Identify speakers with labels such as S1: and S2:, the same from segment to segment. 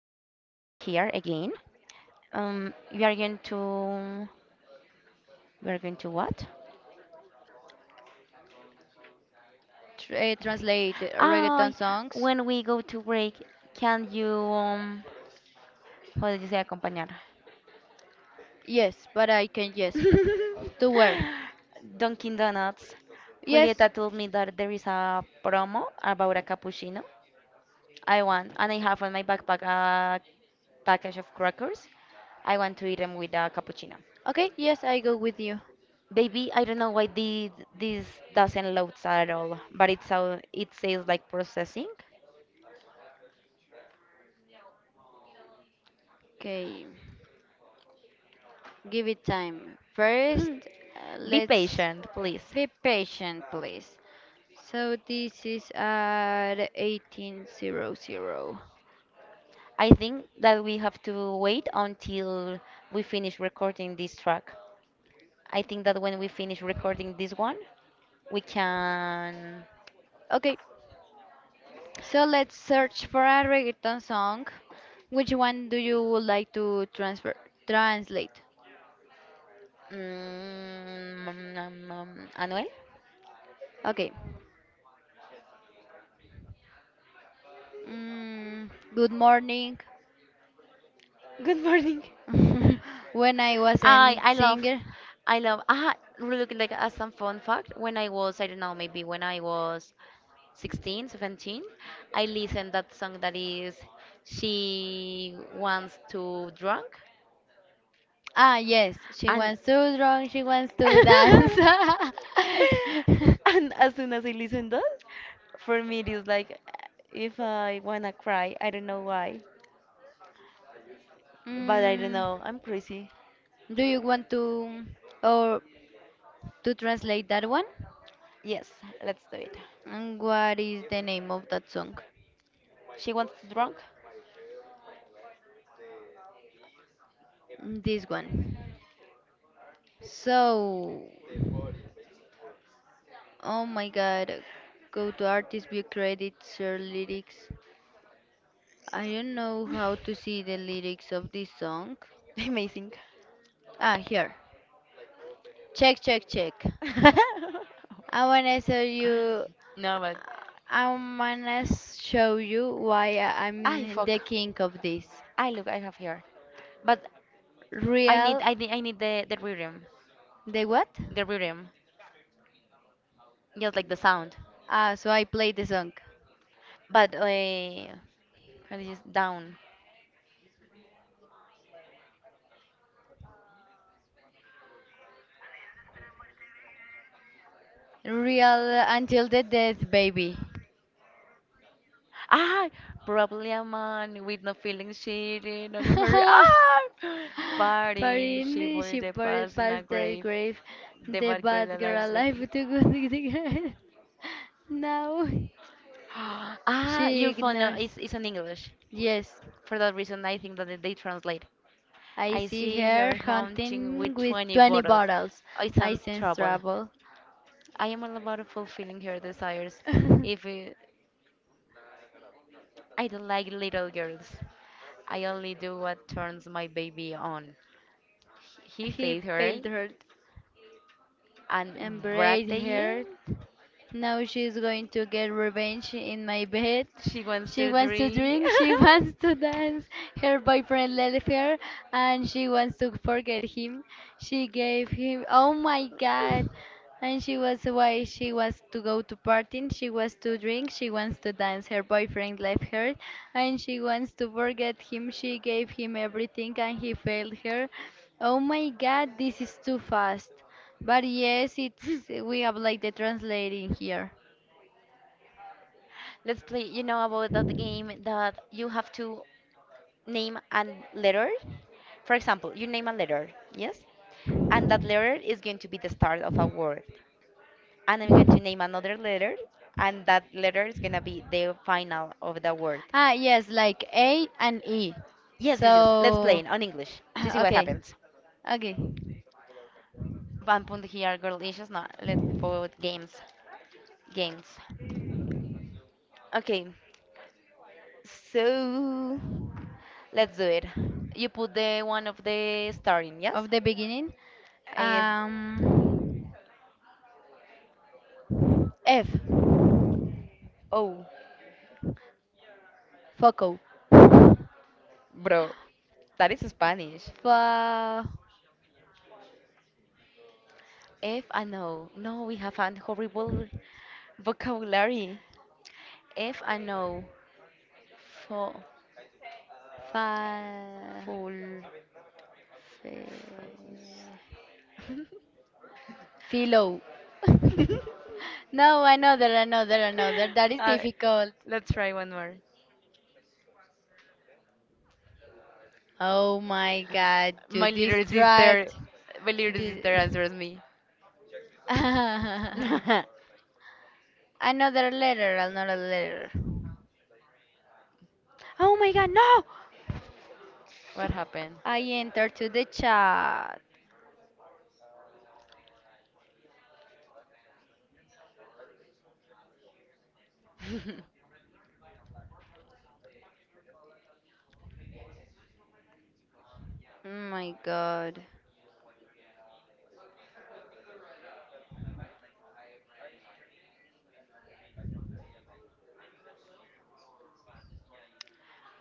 S1: again. Um, we are going to. We are going to what?
S2: Translate reggaeton
S1: Ah,
S2: songs?
S1: when we go to break, can you. How did you say acompañar?
S2: Yes, but I can, yes. To where?
S1: Dunkin' Donuts.
S2: Yes,
S1: Julieta told me that there is a promo about a cappuccino. I want, and I have on my backpack a package of crackers. I want to eat them with a cappuccino.
S2: okay, yes, I go with you.
S1: Baby, I don't know why this doesn't load at all, but it's how it says like processing.
S2: Okay, give it time. First,
S1: Hmm. Be
S2: let's
S1: patient, please.
S2: be patient, please. So this is at 1800.
S1: I think that we have to wait until we finish recording this track. I think that when we finish recording this one, we can.
S2: Okay, so let's search for a reggaeton song. Which one do you would like to transfer translate?
S1: Mm, nom, nom, nom. Anuel,
S2: Okay. Good morning.
S1: good morning.
S2: When I was
S1: I
S2: in
S1: I love,
S2: singer.
S1: I love. Ah, really like as some fun fact. When I was, I don't know, maybe when I was 16, 17. I listened that song that is She Wants to Drunk.
S2: Ah, yes, she
S1: And
S2: wants to strong, she wants to dance.
S1: and as soon as I listen that, for me it is like if I wanna cry, I don't know why, but I don't
S2: mm,
S1: know, I'm crazy.
S2: do you want to or to translate that one?
S1: Yes, let's do it.
S2: And what is the name of that song?
S1: She wants to drunk.
S2: This one. So, oh my God, go to artist view credits, share lyrics. I don't know how to see the lyrics of this song.
S1: Amazing.
S2: Ah, here. Check, check, check. I wanna show you.
S1: No, but
S2: I wanna show you why
S1: I
S2: I'm
S1: fuck.
S2: the king of this.
S1: I look, I have here, but
S2: Real.
S1: I need the rhythm,
S2: The what?
S1: the rhythm, just like the sound.
S2: Ah, so I played the song.
S1: But how do you down?
S2: Real until the death, baby.
S1: Ah, probably a man with no feelings cheating on her. Ah, party, she
S2: Parini,
S1: buries
S2: she
S1: the
S2: poured
S1: past in a
S2: past the
S1: grave.
S2: grave. The
S1: Bad girl
S2: bad girl
S1: alive
S2: alive
S1: again.
S2: to good girl. Now.
S1: Ah,
S2: She
S1: your phone
S2: ignores.
S1: is in English.
S2: Yes,
S1: For that reason, I think that they translate.
S2: I
S1: I
S2: see
S1: see her
S2: her
S1: hunting
S2: hunting
S1: with
S2: with
S1: 20
S2: 20
S1: bottles.
S2: bottles.
S1: I
S2: I
S1: sense
S2: sense
S1: trouble.
S2: trouble.
S1: I am all about fulfilling her desires. If it, I don't like little girls, I only do what turns my baby on. He
S2: He
S1: faced her
S2: failed her.
S1: and
S2: And embrace
S1: Brataye.
S2: her. Now she's going to get revenge in my bed.
S1: She wants
S2: She
S1: to
S2: wants to
S1: dream.
S2: drink, she wants to dance. Her boyfriend left her and she wants to forget him. She gave him, oh my god. And she was why she wants to go to partying, she wants to drink, she wants to dance. Her boyfriend left her and she wants to forget him. She gave him everything and he failed her. Oh my god, this is too fast. But yes, it's we have like the translating here.
S1: Let's play, about that game that you have to name a letter. For example, you name a letter, yes? And that letter is going to be the start of a word, and I'm going to name another letter, and that letter is going to be the final of the word.
S2: Ah, yes, like A and E.
S1: Yes, yes, yes, let's play
S2: So,
S1: it on English to see what
S2: okay,
S1: happens.
S2: okay.
S1: 1 point here girl issues not. Let's put games. games okay, so let's do it. You put the one of the starting, yes.
S2: Of the beginning,
S1: Eh,
S2: um, F.
S1: oh,
S2: Foco.
S1: bro, that is Spanish.
S2: Fa,
S1: If I know, no, we have an horrible vocabulary. If I know. Fo-
S2: fa,
S1: Full
S2: fe,
S1: focus.
S2: philo. No, another, another, another. That is
S1: Uh,
S2: difficult.
S1: let's try one more.
S2: Oh my God, to
S1: My little sister,
S2: distract.
S1: my little
S2: Di-
S1: sister answers me. What
S2: Another letter, another letter. Oh my God, no! Fuck,
S1: happened?
S2: I entered to the chat. Oh my God.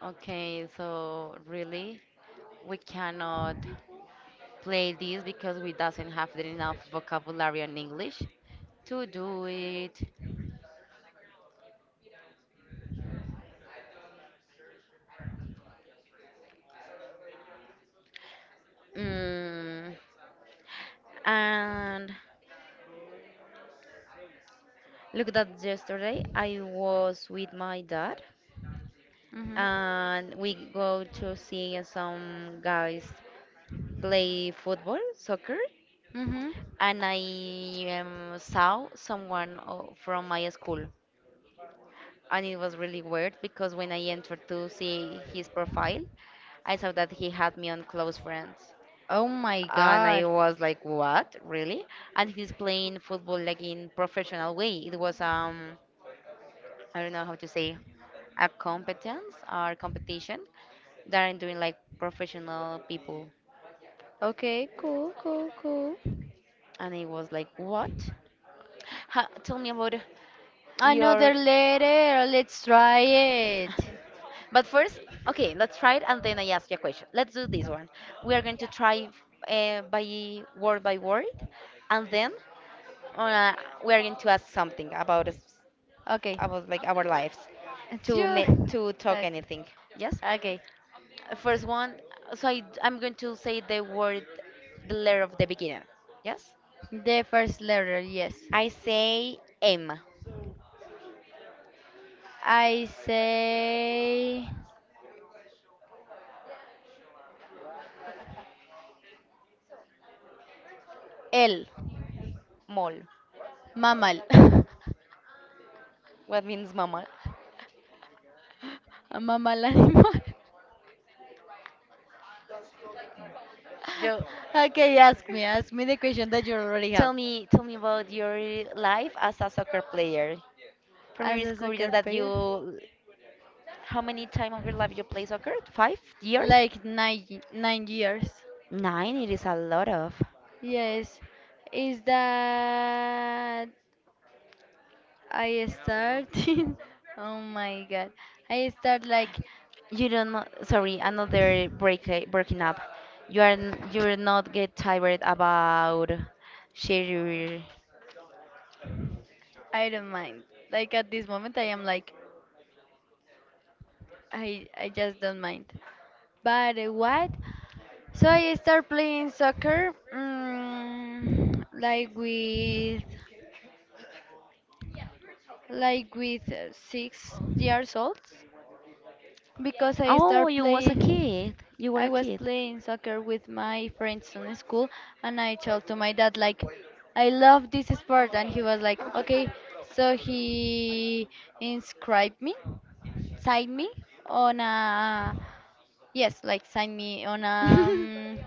S1: Okay, so really, we cannot play this because we doesn't have the enough vocabulary in English to do it. Mm. And look that yesterday I was with my dad,
S2: Mhm.
S1: and we go to see some guys play football, soccer,
S2: Mhm.
S1: and I saw someone from my school. And it was really weird because when I entered to see his profile, I saw that he had me on close friends.
S2: Oh my
S1: And I
S2: God.
S1: was like, what? Really? And he's playing football like in professional way. It was, I don't know how to say, a competence or competition that are doing like professional people.
S2: Okay, cool, cool, cool.
S1: And it was like, what? Ha, tell me about your.
S2: Another letter. Let's try it.
S1: But first, okay, let's try it, and then I ask you a question. Let's do this one. We are going to try by word by word, and then uh, we are going to ask something about us,
S2: Okay.
S1: about like our lives,
S2: It's
S1: to
S2: you.
S1: to talk
S2: Okay.
S1: anything. Yes?
S2: Okay.
S1: First one, so I'm going to say the word, the letter of the beginning. Yes?
S2: The first letter, yes.
S1: I say M,
S2: I say el
S1: mol.
S2: mammal.
S1: What means mama?
S2: A mammal animal.
S1: Yo,
S2: Okay, ask me. Ask me the question that you already have.
S1: tell me, tell me about your life as a soccer player. For me,
S2: As
S1: it's
S2: a soccer
S1: curious that
S2: player,
S1: you, how many time of your life you play soccer? 5 years?
S2: like nine 9 years.
S1: 9. It is a lot of.
S2: Yes, is that I started? Oh my god, I start like
S1: You don't. Sorry, another breaking up. You are you're not get tired about share.
S2: I don't mind. Like at this moment, I am like I just don't mind. But what So I start playing soccer, like with 6 years old, because I
S1: Oh,
S2: start
S1: you was a
S2: playing.
S1: kid. You were a
S2: I was
S1: kid.
S2: playing soccer with my friends in school, and I told to my dad like, I love this sport, and he was like, okay. So he inscribed me, signed me on a, yes, like signed me on a.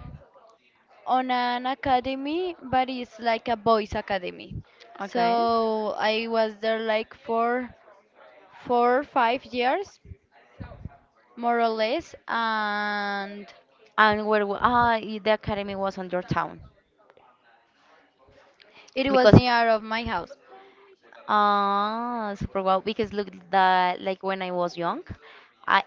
S2: On an academy, but it's like a boys' academy.
S1: Okay.
S2: So I was there like for 4 or 5 years, more or less, and
S1: And where w- ah I- the academy was on your town,
S2: it was
S1: because
S2: near of my house.
S1: ah super well, because look that like when I was young, I.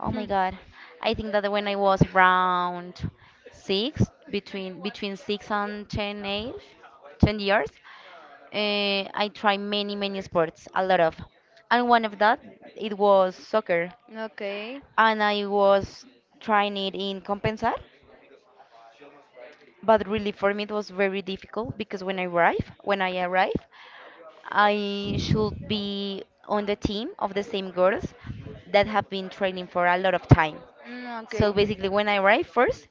S1: Oh my
S2: Hmm.
S1: god, I think that when I was around 6, between 6 and 10 age, 10 years. I tried many, many sports, a lot of, and one of that it was soccer,
S2: Okay.
S1: and I was trying it in Compensar, but really for me it was very difficult because when I arrive, I should be on the team of the same girls that have been training for a lot of time.
S2: Mm,
S1: So
S2: okay.
S1: basically, when I arrived first,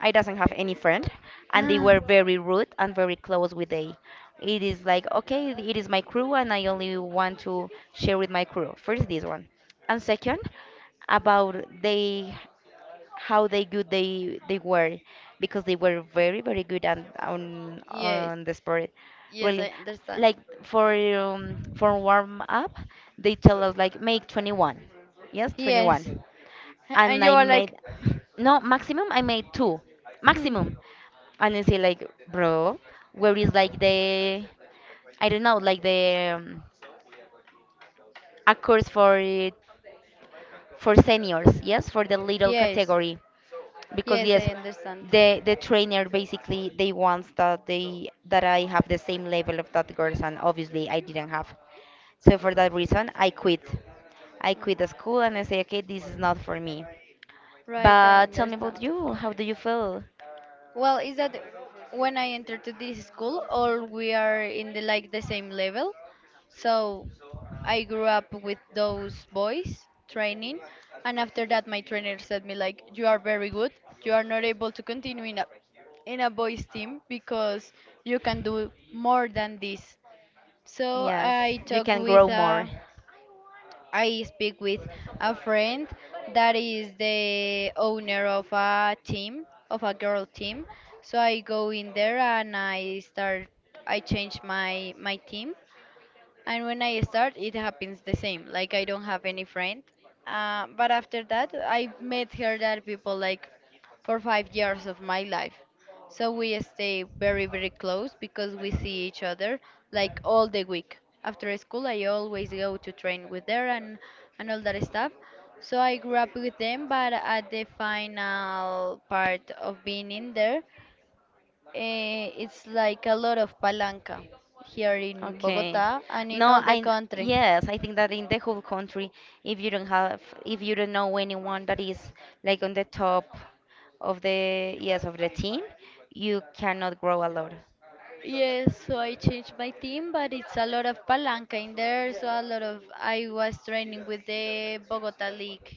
S1: I doesn't have any friend, and they
S2: Ah,
S1: were very rude and very close with they. It is like okay, it is my crew, and I only want to share with my crew. First, this one, and second, about they, how they good they were, because they were very very good, and on
S2: yes.
S1: on the sport
S2: Yes, I
S1: really,
S2: understand.
S1: like for warm up, they tell us like, make 21, yes, 21,
S2: Yes.
S1: and
S2: And you
S1: I
S2: were
S1: made.
S2: like,
S1: No, maximum I made two.
S2: hmm.
S1: Maximum. And I say like, bro, where is like the. I don't know, like the a course for it, for seniors, yes, for the little
S2: Yes.
S1: category. Because
S2: Yes,
S1: yes,
S2: I understand.
S1: the trainer basically they wants that they that I have the same level of that girls, and obviously I didn't have. So for that reason I quit. I
S2: Mm.
S1: quit the school, and I say, okay, this is not for me.
S2: Right, I
S1: But tell me about
S2: understand.
S1: you. How do you feel?
S2: Well, is that when I entered to this school, all we are in the like the same level. So I grew up with those boys training, and after that, my trainer said me like, "You are very good. You are not able to continue in a boys team because you can do more than this." So
S1: Yes,
S2: I
S1: you
S2: talked
S1: can
S2: with
S1: grow more.
S2: a I speak with a friend that is the owner of a team, of a girl team. So I go in there and I start, I change my team, and when I start, it happens the same. Like I don't have any friend. But after that, I met her that people like for 5 years of my life. So we stay very very close because we see each other like all the week. After school, I always go to train with her and all that stuff. So I grew up with them, but at the final part of being in there. It's like a lot of palanca here in
S1: Okay.
S2: Bogota and in
S1: No,
S2: all the
S1: I.
S2: country.
S1: Yes, I think that in the whole country, if you don't have, if you don't know anyone that is like on the top of the, yes, of the team, you cannot grow a lot
S2: Yes, so I changed my team, but it's a lot of palanca in there. So a lot of I was training with the Bogota League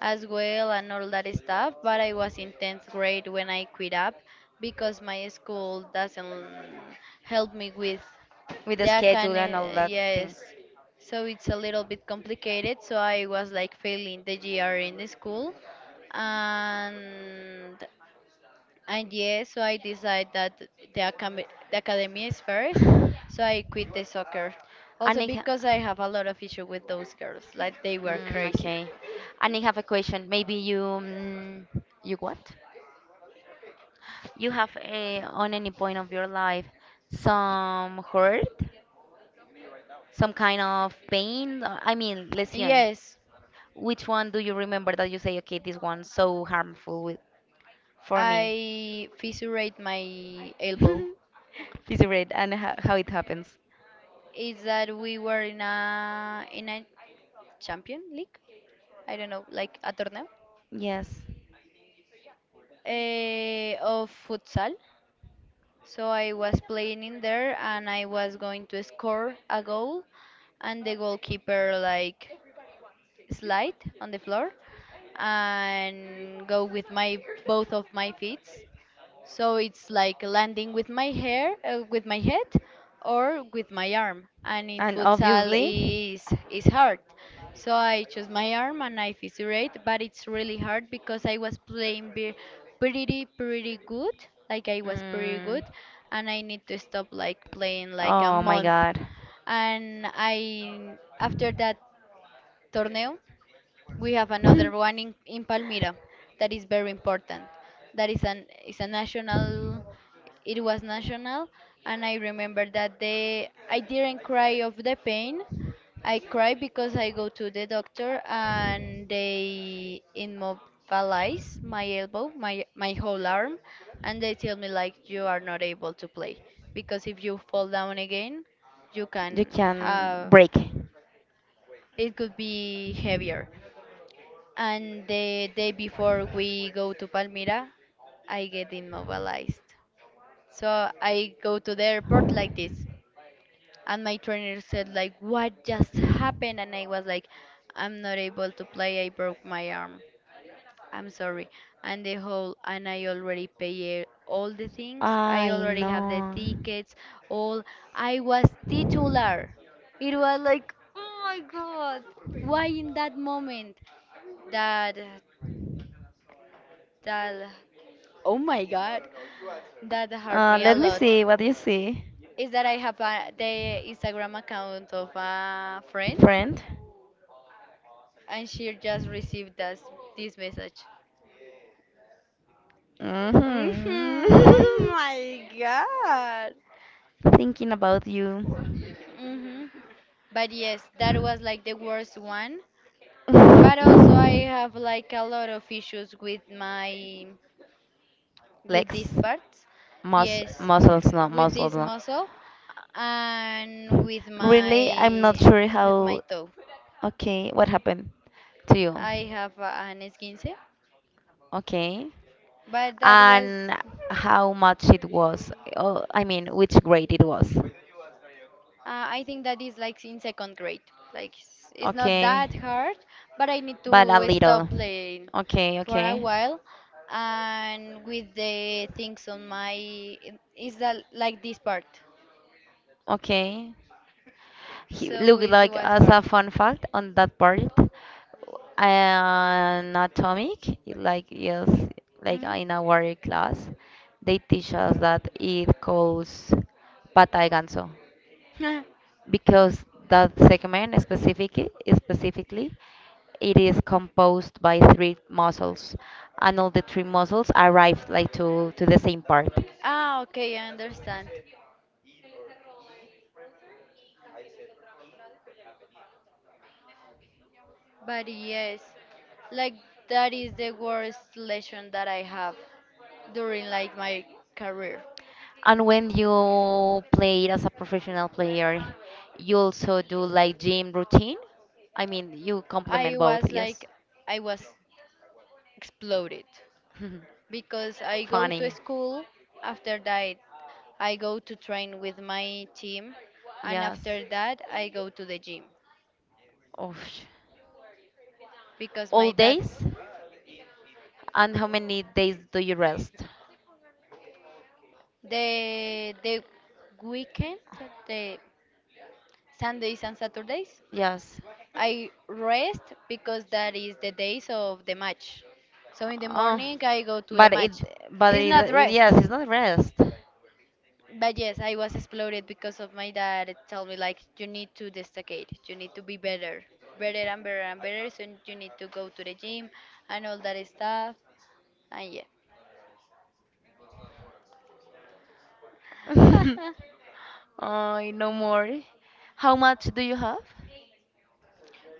S2: as well and all that stuff. But I was in 10th grade when I quit up because my school doesn't help me with
S1: with the
S2: that
S1: schedule
S2: kind
S1: and all
S2: of,
S1: that things.
S2: yes. So it's a little bit complicated. So I was like failing the GR in the school, and yes, so I decided that the academy, the academy is first. So I quit the soccer, also
S1: ha-
S2: because I have a lot of issue with those girls. Like they were
S1: Mm,
S2: crazy.
S1: okay. And I have a question. Maybe you, mm, you what? You have a, on any point of your life, some hurt, some kind of pain. I mean, lesion. Yes,
S2: Yes,
S1: which one do you remember that you say, okay, this one so harmful with, for me?
S2: I fissurate my
S1: I.
S2: elbow.
S1: This is great, and how it happens.
S2: Is that we were in a Champion League? I don't know, like a tournament
S1: Yes.
S2: of futsal. So I was playing in there and I was going to score a goal, and the goalkeeper like slide on the floor and go with my both of my feet. So it's like landing with my hair, with my head, or with my arm. And in
S1: And
S2: futsal
S1: obviously,
S2: is hard. So I chose my arm and I fissurate, but it's really hard because I was playing pretty good. Like I was pretty
S1: mm,
S2: good, and I need to stop like playing like a
S1: oh my
S2: month.
S1: god.
S2: And I after that torneo, we have another one in Palmyra that is very important. That is an, is a national, it was national, and I remember that they I didn't cry of the pain. I cried because I go to the doctor and they immobilize my elbow, my whole arm, and they tell me like you are not able to play because if you fall down again you can
S1: You can
S2: have
S1: break.
S2: it could be heavier, and the day before we go to Palmyra, I get immobilized. So I go to the airport like this. And my trainer said like, what just happened? And I was like, I'm not able to play. I broke my arm. I'm sorry. And the whole, and I already pay all the things. I
S1: I
S2: already have the
S1: know.
S2: tickets, all. I was titular. It was like, oh my God, why in that moment? That, that Oh my god, that hurt me a
S1: Let me
S2: lot.
S1: see. What do you see?
S2: Is that I have the Instagram account of a friend,
S1: Friend?
S2: and she just received this message. Mhm, oh
S1: Hmm.
S2: my god.
S1: Thinking about you.
S2: Hmm. But yes, that was like the worst one. But also I have like a lot of issues with my with
S1: Legs?
S2: these parts. Yes,
S1: Muscles, not
S2: with
S1: muscles.
S2: this
S1: No.
S2: muscle and
S1: Really, I'm not sure
S2: with my
S1: how.
S2: toe.
S1: Okay, what happened to you?
S2: I have an esguince,
S1: Okay.
S2: but that was,
S1: And how much it was? Oh, I mean, which grade it was?
S2: I think that is like in second grade. Like it's not that
S1: Okay.
S2: hard, but I need
S1: But a
S2: to stop
S1: little.
S2: playing
S1: Okay,
S2: for a
S1: okay.
S2: while. And with the things on my, is that like this part?
S1: Okay. He
S2: So
S1: look
S2: it
S1: like
S2: was
S1: as
S2: hard.
S1: a fun fact on that part, an atomic, like yes, like
S2: Hmm.
S1: in our class, they teach us that it calls patay ganso, because that segment specifically, it is composed by three muscles, and all the three muscles arrive like to the same part.
S2: Ah, okay, I understand. But yes, like that is the worst lesson that I have during like my career.
S1: And when you play as a professional player, you also do like gym routine? I mean, you complement
S2: I
S1: both,
S2: was
S1: yes.
S2: like, I was exploded because I go to
S1: Funny.
S2: school. After that, I go to train with my team, and
S1: Yes.
S2: after that, I go to the gym
S1: Oh,
S2: because
S1: all
S2: my dad
S1: days? And how many days do you rest?
S2: the weekend, the Sundays and Saturdays,
S1: Yes.
S2: I rest because that is the days of the match. So in the
S1: Oh,
S2: morning, I go to the
S1: but it,
S2: match. It's not
S1: yes,
S2: rest.
S1: it's not rest.
S2: But yes, I was exploded because of my dad told me like you need to destacate, you need to be better, better and better and better. So you need to go to the gym and all that stuff. And yeah.
S1: Oh, no more. How much do you have?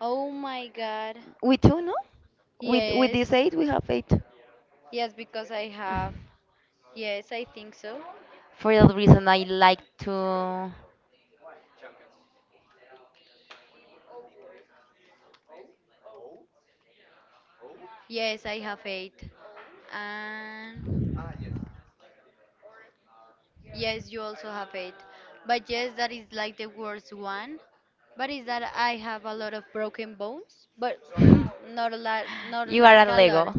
S2: Oh my God.
S1: We two, no? With this
S2: Yes,
S1: eight, we have eight.
S2: yes, because I have.
S1: Mm.
S2: Yes, I think so.
S1: For that reason, I like to.
S2: Yes, I have eight. And yes, you also have it. But yes, that is like the worst one. But is that I have a lot of broken bones, but not a lot, not
S1: You are a
S2: like a lot.
S1: Lego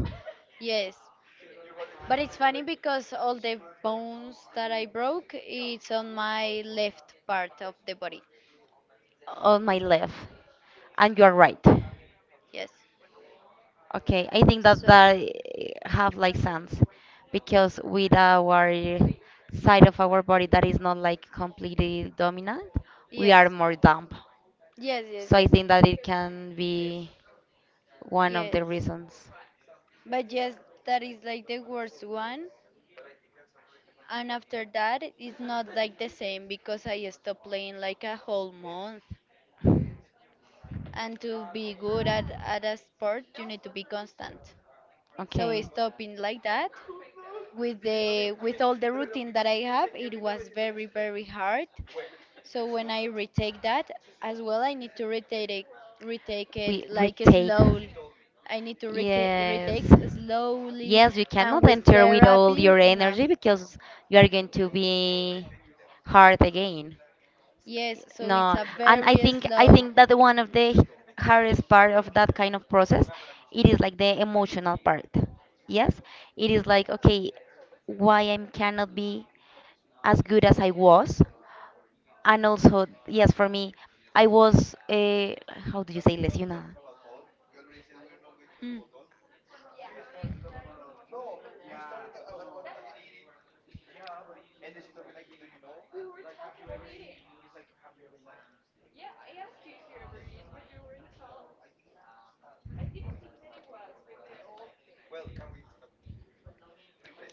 S2: Yes. But it's funny because all the bones that I broke, it's on my left part of the body.
S1: on my left, and you are right.
S2: Yes.
S1: Okay, I think that
S2: So I,
S1: that have like sense, because with our side of our body that is not like completely dominant, we
S2: yes.
S1: are more dumb.
S2: Yes, yes,
S1: So I
S2: yes.
S1: think that it can be one of the
S2: Yes.
S1: reasons.
S2: But yes, that is like the worst one. And after that, it's not like the same because I stopped playing like a whole month. And to be good at a sport you need to be constant, so
S1: Okay,
S2: it's stopping like that with the with all the routine that I have, it was very very hard. So when I retake that, as well I need to retake
S1: we
S2: it like
S1: retake.
S2: slow. I need to
S1: Yes.
S2: retake slowly,
S1: Yes, you
S2: and
S1: cannot
S2: with
S1: enter with all
S2: therapy
S1: your
S2: no,
S1: energy because you are going to be hard again.
S2: yes, so it's
S1: No,
S2: a
S1: and
S2: very
S1: I
S2: slow.
S1: think that one of the hardest part of that kind of process, it is like the emotional part. Yes, it is like okay, why I cannot be as good as I was, and also yes, for me, I was how do you say lesionada,
S2: Hmm.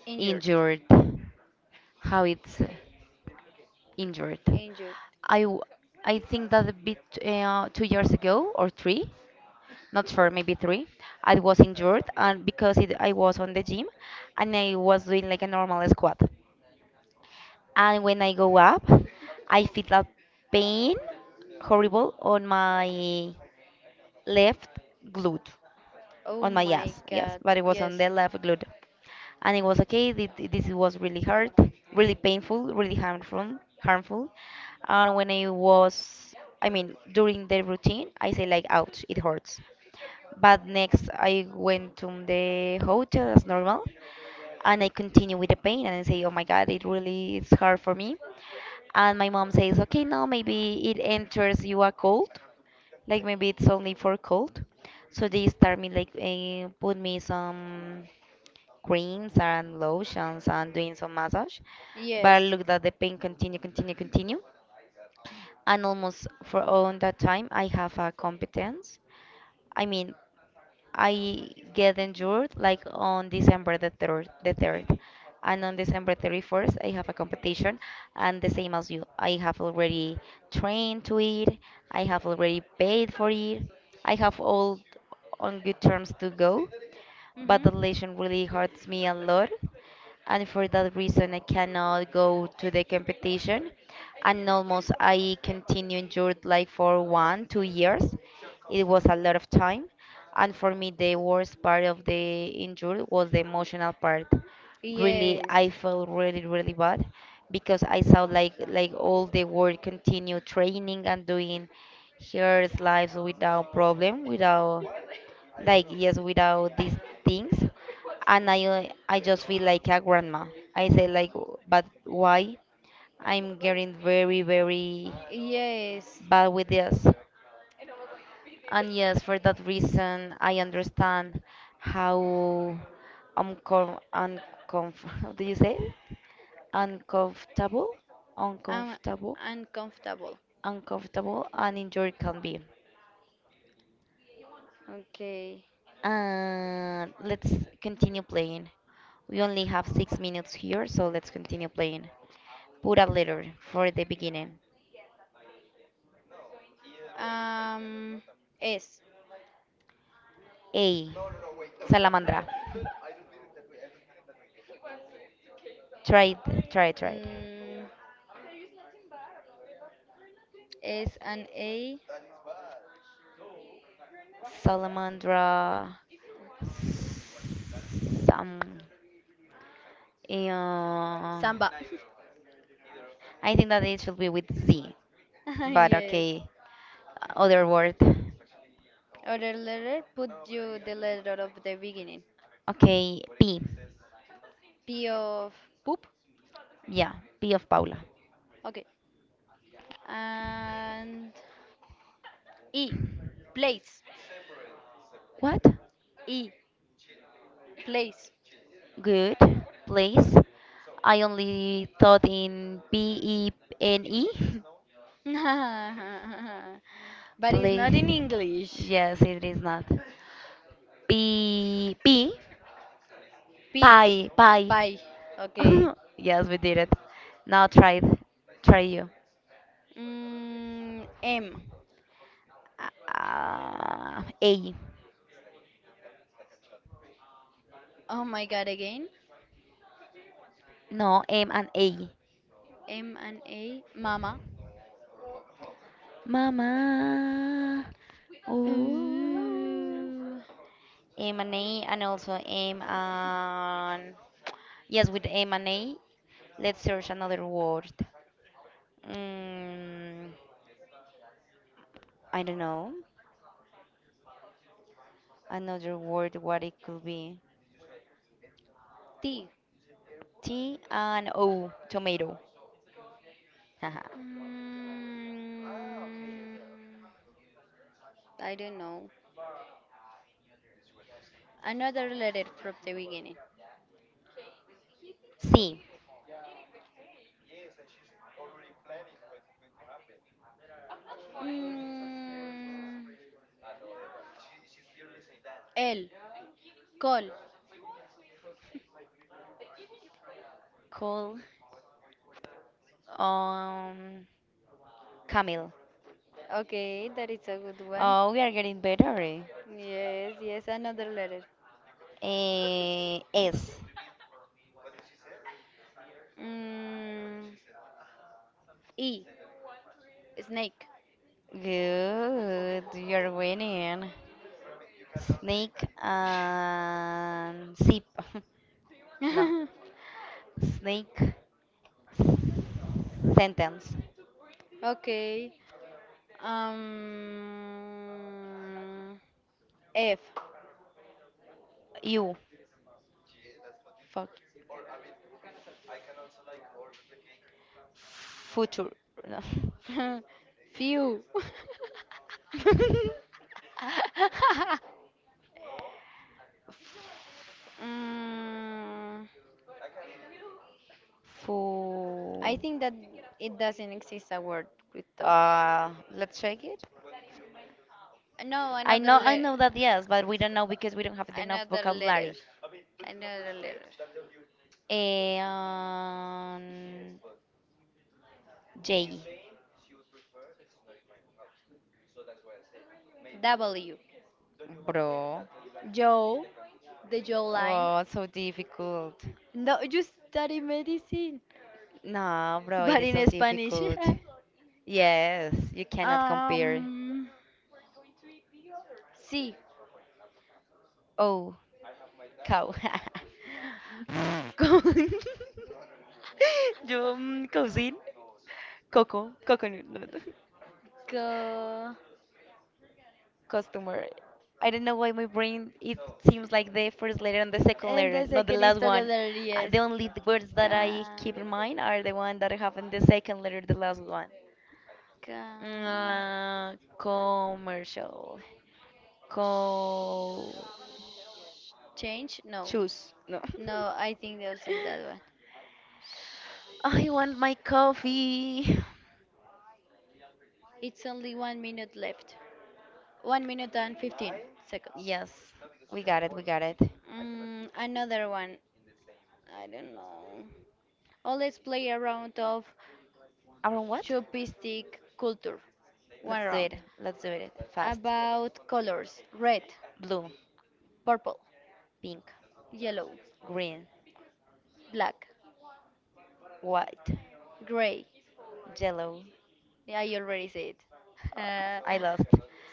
S2: Injured.
S1: injured, how it's injured.
S2: Injured.
S1: I w- I think that a bit 2 years ago or three, not four, maybe three. I was injured, and because it, I was on the gym, and I was doing like a normal squat. And when I go up, I feel a pain horrible on my left glute,
S2: Oh
S1: on my
S2: my
S1: ass, yes,
S2: god,
S1: but it was
S2: yes.
S1: on the left glute, and it was okay. This was really hard, really painful, really harmful, harmful. And when I was, during the routine, I say like, ouch, it hurts. But next, I went to the hotel as normal, and I continue with the pain, and I say, "Oh my God, it really is hard for me." And my mom says, "Okay, now maybe it enters you a cold, like maybe it's only for cold." So they start me like put me some creams and lotions and doing some massage. But
S2: Yes.
S1: look, that the pain continue, and almost for all that time I have a competence. I mean, I get injured like on December the 3rd. And on December 31st, I have a competition. And the same as you, I have already trained to it. I have already paid for it. I have all on good terms to go, but
S2: Mm-hmm.
S1: the lesson really hurts me a lot. And for that reason, I cannot go to the competition. And almost I continued endured like for one, 2 years. It was a lot of time. And for me, the worst part of the injury was the emotional part. Really, I
S2: Yes.
S1: felt really, really bad because I saw like all the world continue training and doing her lives without problem, without like, yes, without these things, and I I just feel like a grandma. I say like, "W- but why I'm getting very, very
S2: Yes.
S1: bad with this?" And yes, for that reason I understand how uncomf, how do you say it? Uncomfortable.
S2: I'm
S1: uncomfortable
S2: uncomfortable.
S1: Uncomfortable and injury can be.
S2: Okay.
S1: Let's continue playing. We only have 6 minutes here, so let's continue playing. Put a letter for the beginning.
S2: Um. S.
S1: A. Salamandra. Try it.
S2: Mm, S and A.
S1: Salamandra. Some. Uh,
S2: Samba.
S1: I think that it should be with Z, but
S2: Yes.
S1: okay. Other word.
S2: Other letter. Put you the letter of the beginning.
S1: Okay, P.
S2: P of poop.
S1: Yeah, P of Paula.
S2: Okay. And E. Place.
S1: What?
S2: E. Place.
S1: Good, please. I only thought in B E N E.
S2: But it's not in
S1: Please.
S2: English.
S1: Yes, it is not. P P
S2: P.
S1: pie pie.
S2: Pie. Okay.
S1: Yes, we did it. Now try it. Try you.
S2: M.
S1: A.
S2: Oh my God, again.
S1: No, M and A.
S2: M and A. Mama.
S1: Mama. Ooh.
S2: Ooh.
S1: M and A and also M and yes with M and A. Let's search another word. Mm, I don't know. Another word, what it could be.
S2: T.
S1: T and O, tomato. Haha.
S2: Mm, I don't know. Another letter from the beginning.
S1: C,
S2: Mm, L. Call.
S1: cool. Um, camel.
S2: Okay, that is a good one.
S1: Oh, we are getting better. Eh?
S2: Yes, yes, another letter.
S1: Eh, S.
S2: Mm, e. Snake.
S1: Good, you're winning. Snake and zip. No, snake sentence.
S2: Okay. Um, F.
S1: You. Fuck. Future. No.
S2: Few. Mm, I
S1: Fu.
S2: think that it doesn't exist a word with those.
S1: Uh, let's check it.
S2: No,
S1: I know that yes, but we don't know because we don't have enough
S2: another letter.
S1: vocabulary.
S2: Another letter.
S1: And J.
S2: W.
S1: Bro.
S2: Joe, the Joe line.
S1: Oh, so difficult.
S2: No, you study medicine.
S1: No, bro, it
S2: But
S1: is so
S2: in Spanish.
S1: difficult. Yes, you cannot compare.
S2: um, sí.
S1: Oh, cow. Con- Yo, cousin. Coco, coconut.
S2: Go.
S1: Customer. I don't know why my brain it seems like the first letter and the second letter,
S2: ¿Entonces
S1: not
S2: qué
S1: the
S2: second is
S1: last one.
S2: together, yes.
S1: The only words that I
S2: Can,
S1: keep in mind are the one that have in the second letter, the last one.
S2: can
S1: Commercial. Co.
S2: change? No.
S1: Choose. No.
S2: No, I think they also in that one.
S1: I want my coffee.
S2: It's only one minute left. One minute and 15 seconds.
S1: Yes, We got it.
S2: Another one. I don't know. Oh, let's play a round of
S1: Around what?
S2: Chauvinistic culture. One
S1: Let's do
S2: round.
S1: it. Let's do it fast.
S2: About colors red,
S1: Blue,
S2: purple,
S1: pink,
S2: yellow,
S1: green,
S2: black,
S1: white,
S2: gray.
S1: yellow.
S2: Yeah, I already said. Uh,
S1: Uh, I lost.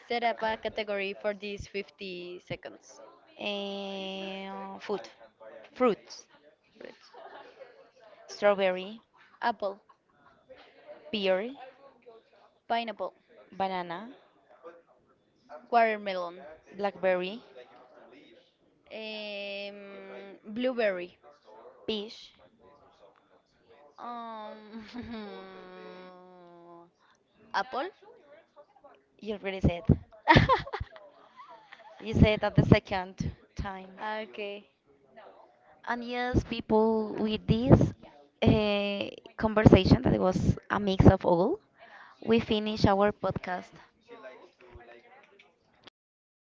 S2: set up a category for these 50 seconds.
S1: And food. Fruits.
S2: Red.
S1: Strawberry,
S2: Apple,
S1: pear,
S2: pineapple,
S1: banana,
S2: watermelon,
S1: blackberry,
S2: blueberry.
S1: peach.
S2: Um, Apple?
S1: You already said. You said that the second time.
S2: okay.
S1: And yes, people, with this uh, conversation that it was a mix of all, we finish our podcast.
S2: Okay, bye.